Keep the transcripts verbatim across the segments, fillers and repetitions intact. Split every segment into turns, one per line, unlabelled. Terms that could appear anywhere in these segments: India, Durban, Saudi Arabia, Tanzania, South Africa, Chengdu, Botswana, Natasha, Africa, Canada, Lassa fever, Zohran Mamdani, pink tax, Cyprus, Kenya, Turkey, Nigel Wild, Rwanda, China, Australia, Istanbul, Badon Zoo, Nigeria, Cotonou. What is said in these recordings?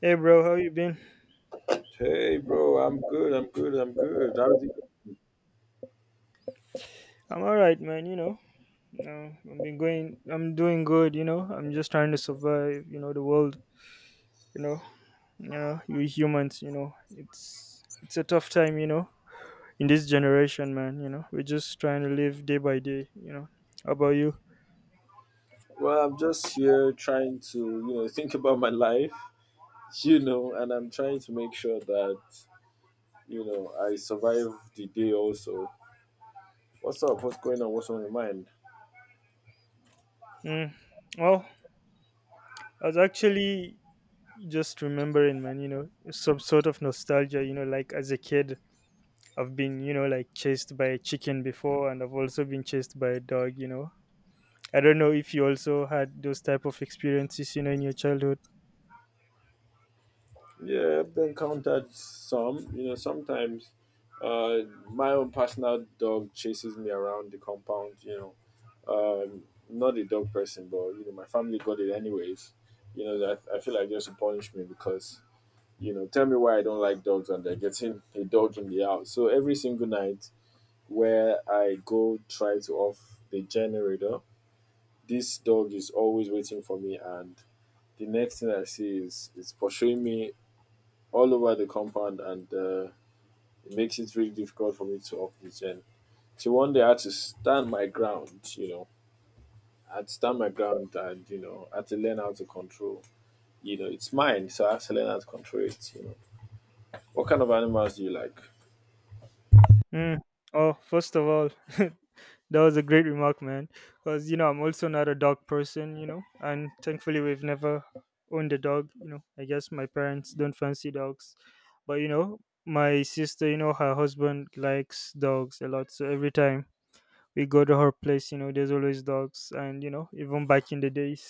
Hey, bro, how you been?
Hey, bro, I'm good. I'm good. I'm good. How's it going?
I'm alright, man. You know, uh, I've been going. I'm doing good. You know, I'm just trying to survive. You know, the world. You know, you know, we humans. You know, it's it's a tough time. You know, in this generation, man. You know, we're just trying to live day by day. You know, how about you?
Well, I'm just here trying to, you know, think about my life, you know, and I'm trying to make sure that, you know, I survive the day also. What's up? What's going on? What's on your mind?
Mm. Well, I was actually just remembering, man. You know, some sort of nostalgia. You know, like as a kid, I've been, you know, like chased by a chicken before, and I've also been chased by a dog. You know I don't know if you also had those type of experiences, you know, in your childhood.
Yeah, I've encountered some, you know, sometimes uh, my own personal dog chases me around the compound, you know. Um, Not a dog person, but, you know, my family got it anyways. You know, that I feel like just to punish me because you know, tell me why I don't like dogs and they're getting a dog in the house. So every single night where I go try to off the generator, this dog is always waiting for me and the next thing I see is it's pursuing me all over the compound and uh, it makes it really difficult for me to off the gen. So one day I had to stand my ground, you know. I had to stand my ground and, you know, I had to learn how to control. You know, it's mine, so I have to learn how to control it, you know. What kind of animals do you like?
Mm. Oh, first of all, that was a great remark, man. Because you know, I'm also not a dog person, you know, and thankfully we've never owned a dog. You know, I guess my parents don't fancy dogs, but you know, my sister, you know, her husband likes dogs a lot, so every time we go to her place, you know, there's always dogs, and you know, even back in the days.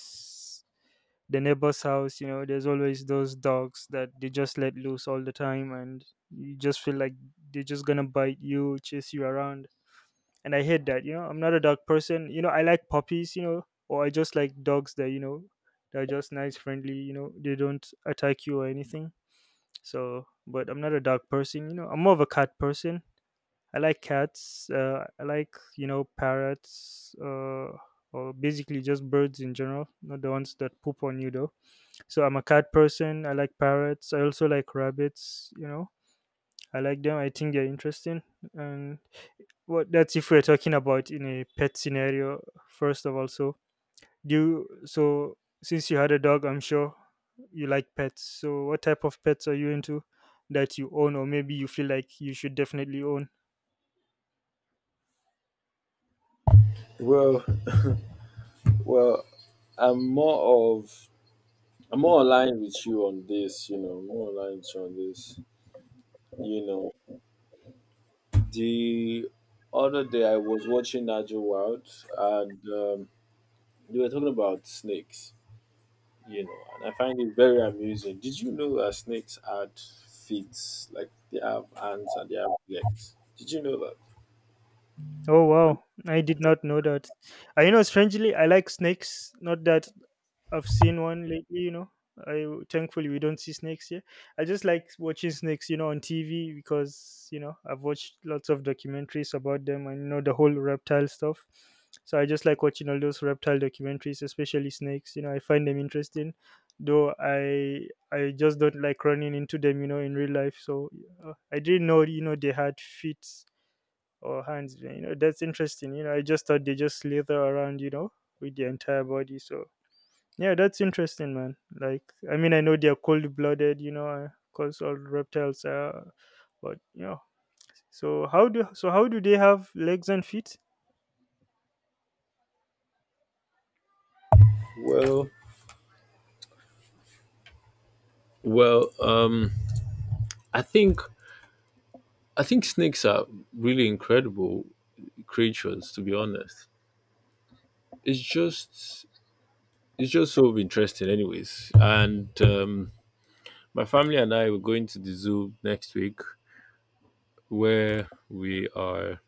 The neighbor's house, you know there's always those dogs that they just let loose all the time, and you just feel like they're just gonna bite you, chase you around, and I hate that. you know I'm not a dog person. you know I like puppies, you know or I just like dogs that, you know that are just nice, friendly. You know they don't attack you or anything. So but I'm not a dog person. you know I'm more of a cat person. I like cats, uh, I like, you know parrots, uh, or basically just birds in general, not the ones that poop on you though. So I'm a cat person. I like parrots. I also like rabbits. You know, I like them. I think they're interesting. And what that's if we're talking about in a pet scenario. First of all, so do you, so since you had a dog, I'm sure you like pets. So what type of pets are you into that you own, or maybe you feel like you should definitely own?
Well, Well, I'm more of I'm more aligned with you on this, you know, more aligned with you on this. You know, the other day I was watching Nigel Wild and um, they were talking about snakes, you know, and I find it very amusing. Did you know that snakes had feet, like they have hands and they have legs? Did you know that?
Oh wow, I did not know that. I you know strangely I like snakes. Not that I've seen one lately, you know. I thankfully we don't see snakes here. I just like watching snakes, you know, on T V because you know I've watched lots of documentaries about them, and you know the whole reptile stuff. So I just like watching all those reptile documentaries, especially snakes. You know, I find them interesting, though I I just don't like running into them, you know, in real life. So uh, I didn't know, you know, they had feet or hands. You know, that's interesting. You know, I just thought they just slither around, you know, with the entire body. So yeah, that's interesting, man. Like, I mean, I know they're cold blooded, you know, because all reptiles are, but yeah. So how do so how do they have legs and feet?
Well, well, um, I think I think snakes are really incredible creatures. To be honest, it's just it's just so interesting anyways and um my family and I were going to the zoo next week where we are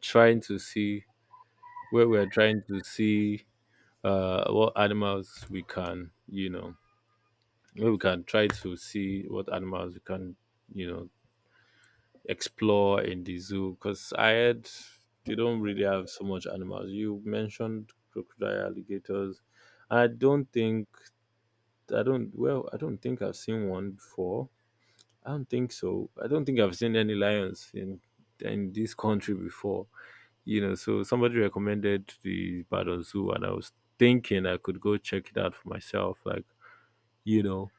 trying to see where we are trying to see uh what animals we can, you know, where we can try to see what animals we can you know, explore in the zoo because I had they don't really have so much animals you mentioned crocodile alligators I don't think I don't. Well, I don't think I've seen one before. I don't think so. I don't think I've seen any lions in in this country before. You know, so somebody recommended the Badon Zoo, and I was thinking I could go check it out for myself. Like, you know,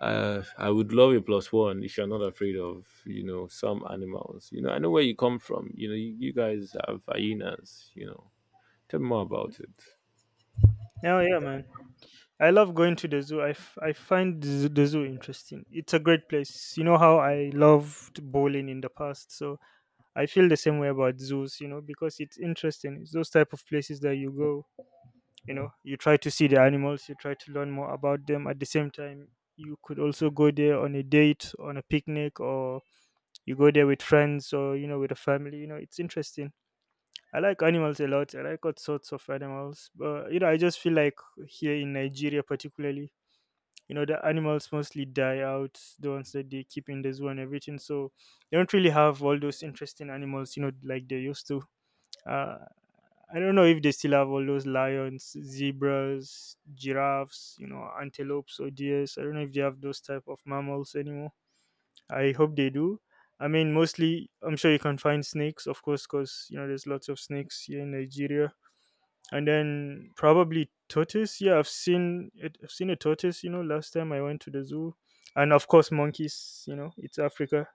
uh, I would love a plus one if you're not afraid of, you know, some animals. You know, I know where you come from. You know, you, you guys have hyenas. You know, tell me more about it.
Yeah, yeah, man. I love going to the zoo. I, f- I find the zoo the zoo interesting. It's a great place. You know how I loved bowling in the past, so I feel the same way about zoos. You know because it's interesting. It's those type of places that you go, you know you try to see the animals, you try to learn more about them. At the same time, you could also go there on a date, on a picnic, or you go there with friends, or you know with a family. You know it's interesting. I like animals a lot. I like all sorts of animals, but you know I just feel like here in Nigeria particularly, you know the animals mostly die out, the ones that they keep in the zoo and everything, so they don't really have all those interesting animals, you know like they used to. uh, I don't know if they still have all those lions, zebras, giraffes, you know, antelopes or deers. I don't know if they have those type of mammals anymore. I hope they do. I mean, mostly, I'm sure you can find snakes, of course, because, you know, there's lots of snakes here in Nigeria. And then probably tortoise. Yeah, I've seen it. I've seen a tortoise, you know, last time I went to the zoo. And of course, monkeys, you know, it's Africa.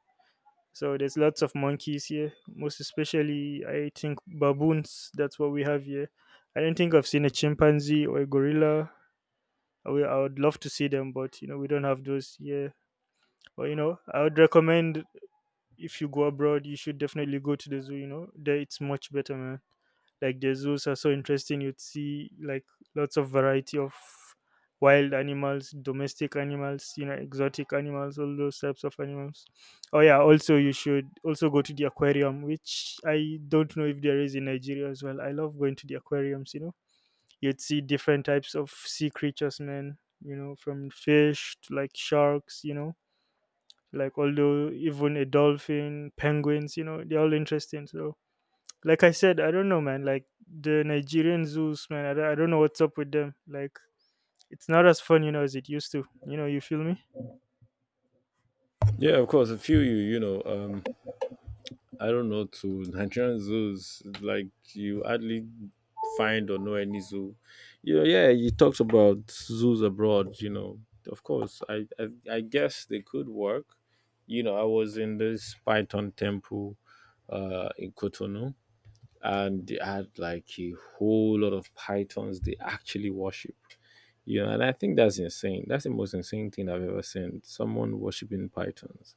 So there's lots of monkeys here, most especially I think baboons. That's what we have here. I don't think I've seen a chimpanzee or a gorilla. I would I would love to see them, but you know we don't have those here. But you know I would recommend, if you go abroad, you should definitely go to the zoo. You know there it's much better, man. Like the zoos are so interesting, you'd see like lots of variety of wild animals, domestic animals, you know exotic animals, all those types of animals. Oh yeah, also you should also go to the aquarium, which I don't know if there is in Nigeria as well. I love going to the aquariums, you know you'd see different types of sea creatures, man. You know from fish to like sharks, you know like although even a dolphin, penguins, you know they're all interesting. So like I said, I don't know, man. Like the Nigerian zoos, man. I don't, I don't know what's up with them. Like it's not as fun, you know, as it used to. You know, you feel me?
Yeah, of course. A few you, you know, um, I don't know to Nigerian zoos. Like you hardly find or know any zoo. Yeah, yeah. You talked about zoos abroad. You know, of course. I I, I guess they could work. You know, I was in this Python temple uh, in Cotonou, and they had like a whole lot of pythons they actually worship. You know, and I think that's insane. That's the most insane thing I've ever seen. Someone worshiping pythons,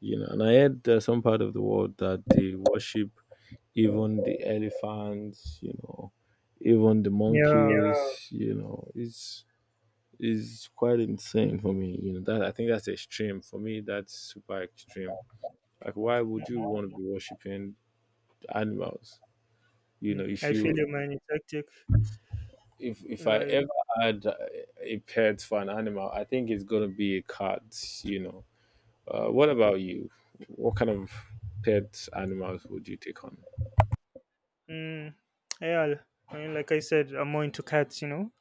you know, and I heard there's some part of the world that they worship even the elephants, you know, even the Yeah.
Yeah,
monkeys, you know, it's is quite insane for me. You know, that I think that's extreme. For me, that's super extreme. Like why would you want to be worshipping animals? You know,
mm,
if
I
you
feel you, man. It's hectic.
if if I
Like,
ever had a a pet for an animal, I think it's gonna be a cat, you know. Uh, what about you? What kind of pet animals would you take on?
mm, yeah, I mean, like I said, I'm more into cats. You know,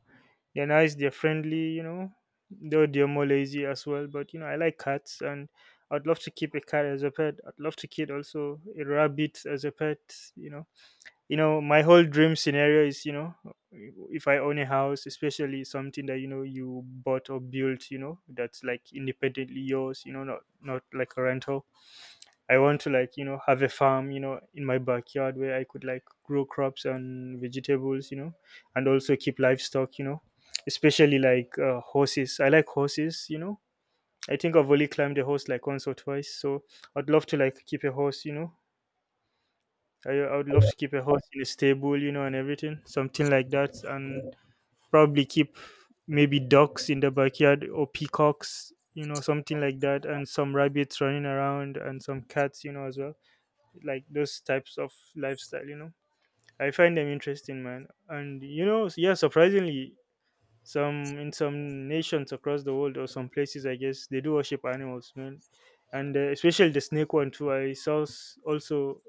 They're nice, they're friendly. You know, though they're more lazy as well. But you know, I like cats, and I'd love to keep a cat as a pet. I'd love to keep also a rabbit as a pet. You know you know my whole dream scenario is, you know if I own a house, especially something that, you know you bought or built, you know that's like independently yours, you know not not like a rental. I want to like, you know have a farm, you know in my backyard, where I could like grow crops and vegetables, you know and also keep livestock, you know especially like uh, horses. I like horses, you know I think I've only climbed a horse like once or twice, so I'd love to like keep a horse, you know I, I would love to keep a horse in a stable, you know, and everything, something like that, and probably keep maybe ducks in the backyard or peacocks, you know, something like that, and some rabbits running around and some cats, you know, as well, like those types of lifestyle, you know. I find them interesting, man, and you know, yeah, surprisingly, some in some nations across the world or some places, I guess, they do worship animals, man, and uh, especially the snake one too. I saw s- also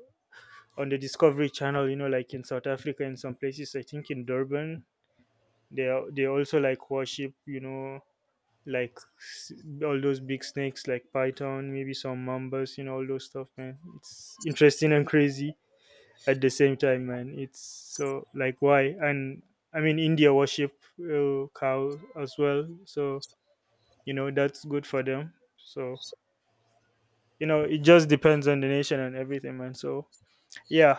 on the Discovery Channel, you know, like in South Africa, in some places, I think in Durban, they are, they also like worship, you know, like s- all those big snakes like python, maybe some mambas, you know, all those stuff, man. It's interesting and crazy at the same time, man. It's so like why. And I mean India worship uh, cow as well, so you know that's good for them. So you know it just depends on the nation and everything, man. So yeah,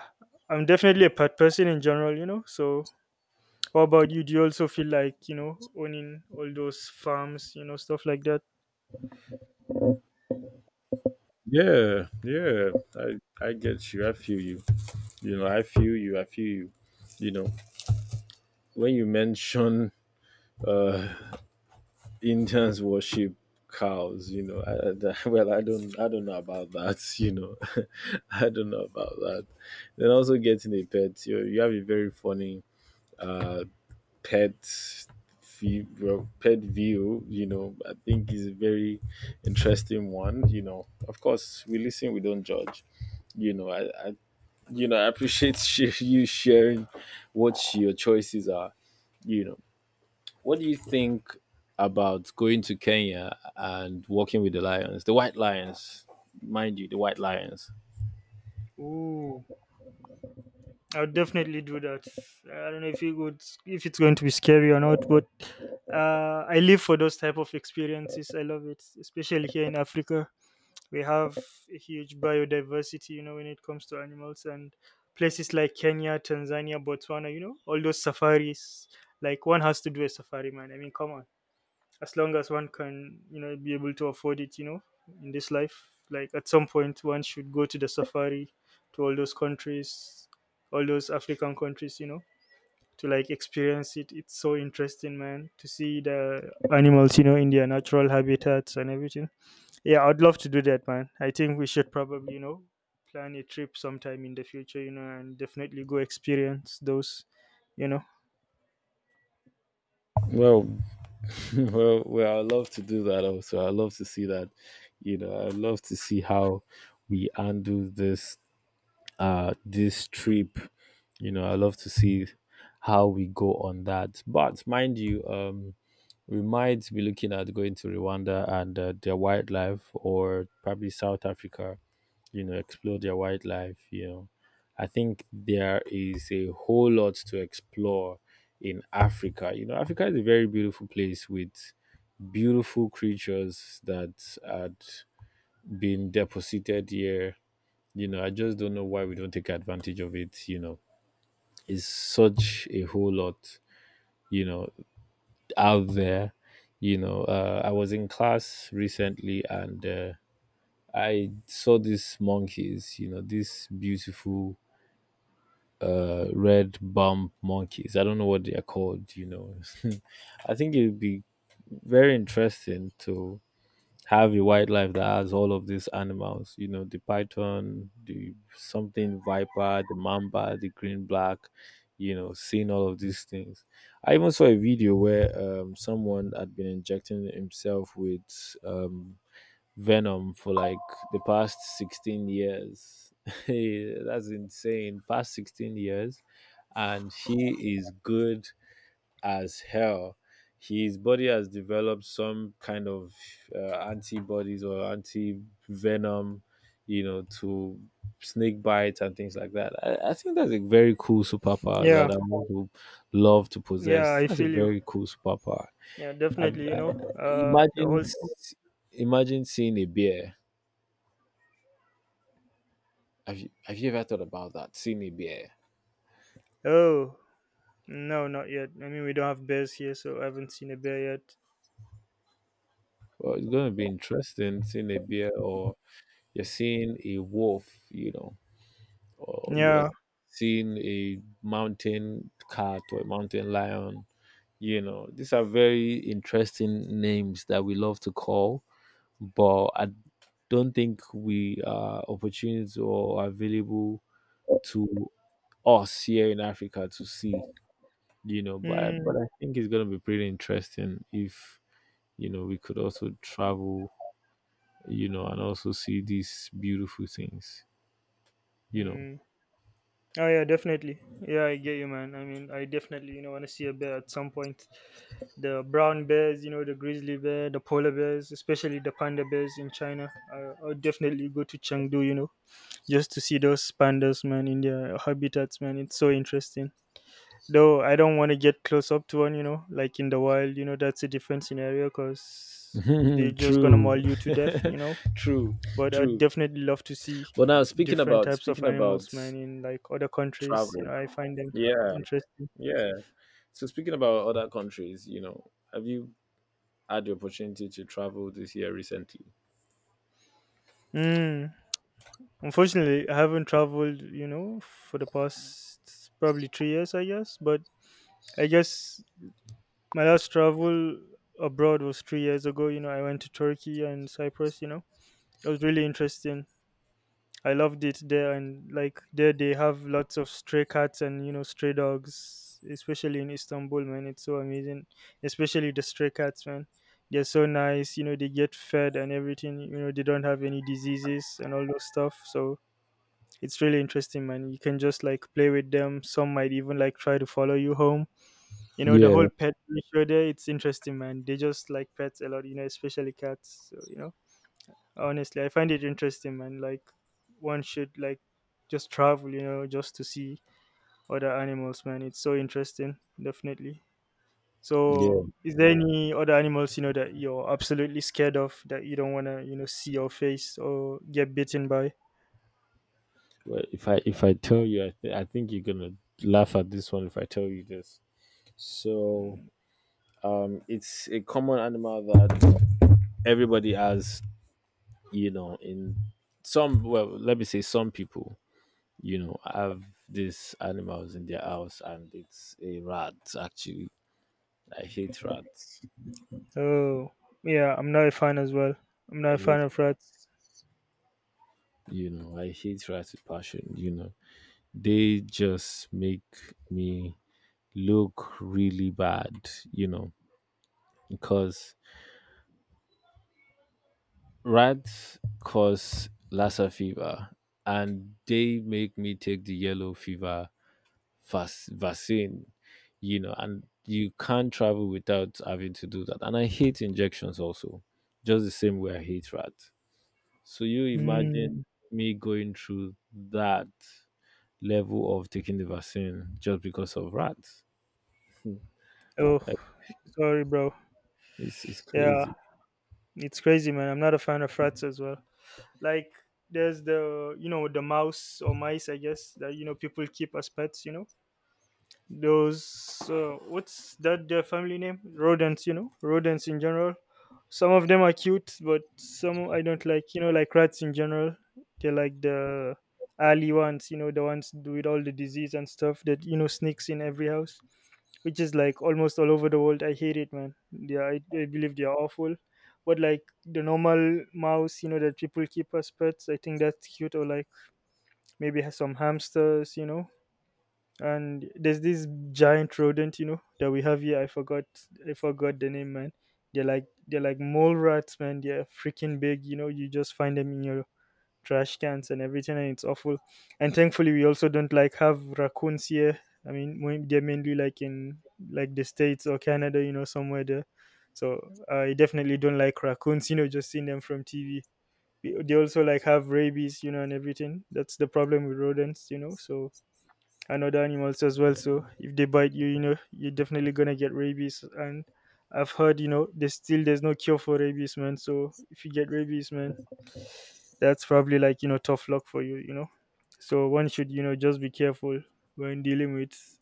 I'm definitely a pet person in general, you know. So what about you? Do you also feel like, you know, owning all those farms, you know, stuff like that?
Yeah, yeah. I I get you. I feel you. You know, I feel you. I feel you. You know, when you mention uh Indians worship cows, you know, I, I- well, I don't, I don't know about that. You know, I don't know about that. Then also getting a pet. You you have a very funny uh pet view, well, pet view. You know, I think is a very interesting one. You know, of course, we listen, we don't judge. You know, I, I you know, I appreciate sh- you sharing what your choices are. You know, what do you think about going to Kenya and working with the lions, the white lions, mind you, the white lions?
Ooh, I'll definitely do that. I don't know if it would, if it's going to be scary or not, but uh, I live for those type of experiences. I love it, especially here in Africa. We have a huge biodiversity, you know, when it comes to animals and places like Kenya, Tanzania, Botswana, you know, all those safaris. Like one has to do a safari, man. I mean, come on. As long as one can, you know be able to afford it, you know in this life, like at some point one should go to the safari, to all those countries, all those African countries, you know to like experience it. It's so interesting, man, to see the animals, you know in their natural habitats and everything. Yeah, I'd love to do that, man. I think we should probably, you know plan a trip sometime in the future, you know and definitely go experience those you know
Well, well, well, I love to do that also. I love to see that. You know, I love to see how we undo this uh this trip. You know, I love to see how we go on that. But mind you, um we might be looking at going to Rwanda and uh, their wildlife, or probably South Africa. You know, explore their wildlife. You know, I think there is a whole lot to explore in Africa. You know, Africa is a very beautiful place with beautiful creatures that had been deposited here. You know, I just don't know why we don't take advantage of it. You know, it's such a whole lot. You know, out there, you know, uh, I was in class recently and, uh, I saw these monkeys, you know, these beautiful uh red bump monkeys I don't know what they are called, you know. I think it would be very interesting to have a wildlife that has all of these animals, you know, the python, the something viper, the mamba, the green black, you know, seeing all of these things. I even saw a video where um, someone had been injecting himself with um, venom for like the past sixteen years. Hey, that's insane, past sixteen years, and he is good as hell. His body has developed some kind of uh, antibodies or anti venom, you know, to snake bites and things like that. I, I think that's a very cool superpower that
yeah,
I want to love to
yeah,
possess.
I
That's a
feel you.
very cool superpower.
Yeah,
I've,
definitely. You
I,
know uh the
imagine,
whole—
imagine seeing a bear. Have you, have you ever thought about that? Seeing a bear?
Oh, no, not yet. I mean, we don't have bears here, so I haven't seen a bear yet.
Well, it's going to be interesting seeing a bear or you're seeing a wolf, you know, or you are
Yeah.
seeing a mountain cat or a mountain lion. You know, these are very interesting names that we love to call, but I don't think we are opportunities or available to us here in Africa to see. You know, but I-
Mm,
but I think it's gonna be pretty interesting if you know we could also travel. You know, and also see these beautiful things. You
mm. Oh, yeah, definitely. Yeah, I get you, man. I mean, I definitely, you know, want to see a bear at some point. The brown bears, you know, the grizzly bear, the polar bears, especially the panda bears in China. I, I'll definitely go to Chengdu, you know, just to see those pandas, man, in their habitats, man. It's so interesting. Though I don't want to get close up to one, you know, like in the wild, you know, that's a different scenario because
know,
they're just gonna
true,
maul you to death, you know.
true,
But I'd
true.
definitely love to see
But now speaking
different
about
types of
speaking
animals,
about
man, in like other
travel,
countries. You know, I find them
yeah,
interesting.
yeah. So speaking about other countries, you know, have you had the opportunity to travel this year recently?
Mm. Unfortunately, I haven't traveled, you know, for the past probably three years, I guess. But I guess my last travel abroad was three years ago. You know, I went to Turkey and Cyprus, you know. It was really interesting. I loved it there, and like there they have lots of stray cats and you know stray dogs, especially in Istanbul, man. It's so amazing, especially the stray cats, man. They're so nice, you know. They get fed and everything. You know, they don't have any diseases and all those stuff. So it's really interesting, man. You can just like play with them. Some might even like try to follow you home. You know, the
Yeah,
whole pet ratio there. It's interesting, man. They just like pets a lot, you know, especially cats. So you know honestly, I find it interesting, man. Like, one should like just travel, you know, just to see other animals, man. It's so interesting. Definitely.
yeah.
So is there any other animals, you know, that you're absolutely scared of, that you don't want to, you know, see or face or get bitten by?
Well, if I if I tell you, I, th- I think you're gonna laugh at this one if I tell you this. So, um, it's a common animal that everybody has. You know, in some, well, let me say some people, you know, have these animals in their house, and it's a rat actually. I hate rats.
Oh, yeah, I'm not a fan as well. I'm not a
I hate
fan of rats.
you know, I hate rats with passion, you know. They just make me look really bad, you know, because rats cause Lassa fever and they make me take the yellow fever vac vaccine, you know, and you can't travel without having to do that. And I hate injections also, just the same way I hate rats. So you
Hmm.
imagine me going through that level of taking the vaccine just because of rats. Hmm.
Oh,
Like,
sorry, bro.
it's, it's
Yeah,
crazy.
it's crazy, man. I'm not a fan of rats as well. Like, there's the, you know, the mouse or mice, I guess, that, you know, people keep as pets, you know, those uh, what's that, their family name, rodents, you know, rodents in general. Some of them are cute, but some I don't like, you know, like rats in general. They're like the alley ones, you know, the ones with all the disease and stuff that, you know, sneaks in every house, which is like almost all over the world. I hate it, man. Yeah, I, I believe they are awful. But like the normal mouse, you know, that people keep as pets, I think that's cute. Or like maybe has some hamsters, you know. And there's this giant rodent, you know, that we have here. I forgot, I forgot the name, man. They're like they're like mole rats, man. They're freaking big, you know. You just find them in your trash cans and everything, and it's awful. And thankfully, we also don't like have raccoons here. I mean, mo- they're mainly like in like the states or Canada, you know, somewhere there. So I definitely don't like raccoons, you know, just seeing them from T V. We- They also like have rabies, you know, and everything. That's the problem with rodents, you know. So and other animals as well. So if they bite you, you know, you're definitely gonna get rabies. And I've heard, you know, there's still there's no cure for rabies, man. So if you get rabies, man, that's probably like, you know, tough luck for you, you know. So one should, you know, just be careful when dealing with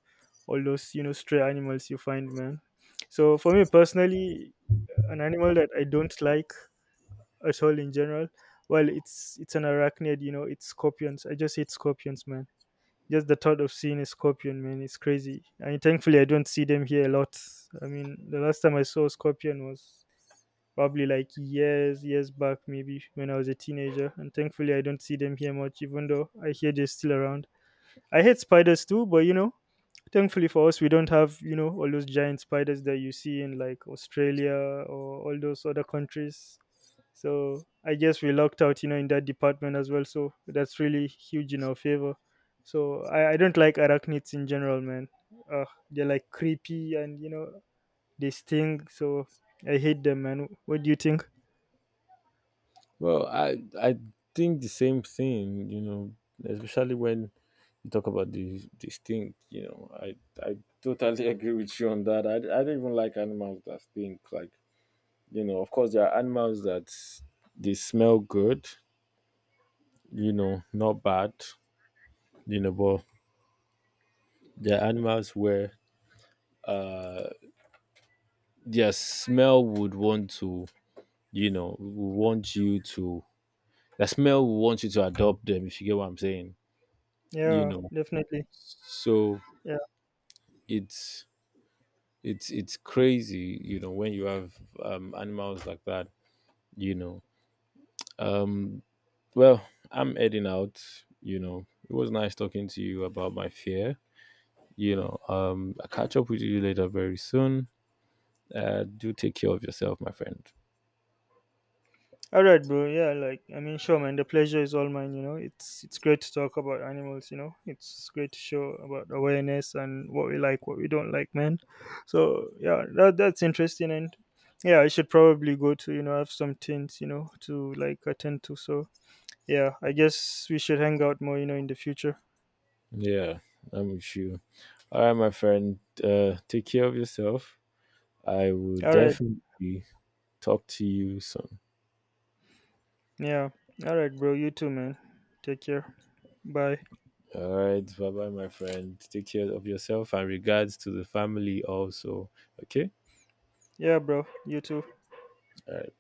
all those, you know, stray animals you find, man. So for me personally, an animal that I don't like at all in general, well, it's it's an arachnid, you know, it's scorpions. I just hate scorpions, man. Just the thought of seeing a scorpion, man, it's crazy. I mean, thankfully, I don't see them here a lot. I mean, the last time I saw a scorpion was probably like years years back, maybe when I was a teenager, and thankfully I don't see them here much, even though I hear they're still around. I hate spiders too, but you know, thankfully for us, we don't have, you know, all those giant spiders that you see in like Australia or all those other countries. So I guess we lucked out, you know, in that department as well. So that's really huge in our favor. So i, I don't like arachnids in general, man. Ugh, they're like creepy, and you know, they sting. So I hate them, man. What do you think?
Well, I I think the same thing, you know, especially when you talk about the the stink, you know, I I totally agree with you on that. I, I don't even like animals that stink. Like, you know, of course there are animals that they smell good, you know, not bad, you know, but there are animals where uh their smell would want to, you know, would want you to the smell will want you to adopt them if you get what I'm saying, you
Yeah,
know.
definitely.
So
Yeah.
it's it's it's crazy, you know, when you have um animals like that, you know. um well, I'm heading out, you know. It was nice talking to you about my fear, you know. um I'll catch up with you later very soon. Uh do take care of yourself, my friend.
All right, bro. Yeah, like I mean, sure, man. The pleasure is all mine. You know, it's it's great to talk about animals. You know, it's great to show about awareness and what we like, what we don't like, man. So yeah, that that's interesting, and yeah, I should probably go to, you know, have some things, you know, to like attend to. So yeah, I guess we should hang out more, you know, in the future.
Yeah, I'm with you. All right, my friend, uh take care of yourself. I will
All right.
definitely talk to you soon.
Yeah. All right, bro. You too, man. Take care. Bye.
All right, bye bye, my friend. Take care of yourself and regards to the family also. Okay.
Yeah, bro. You too.
All right.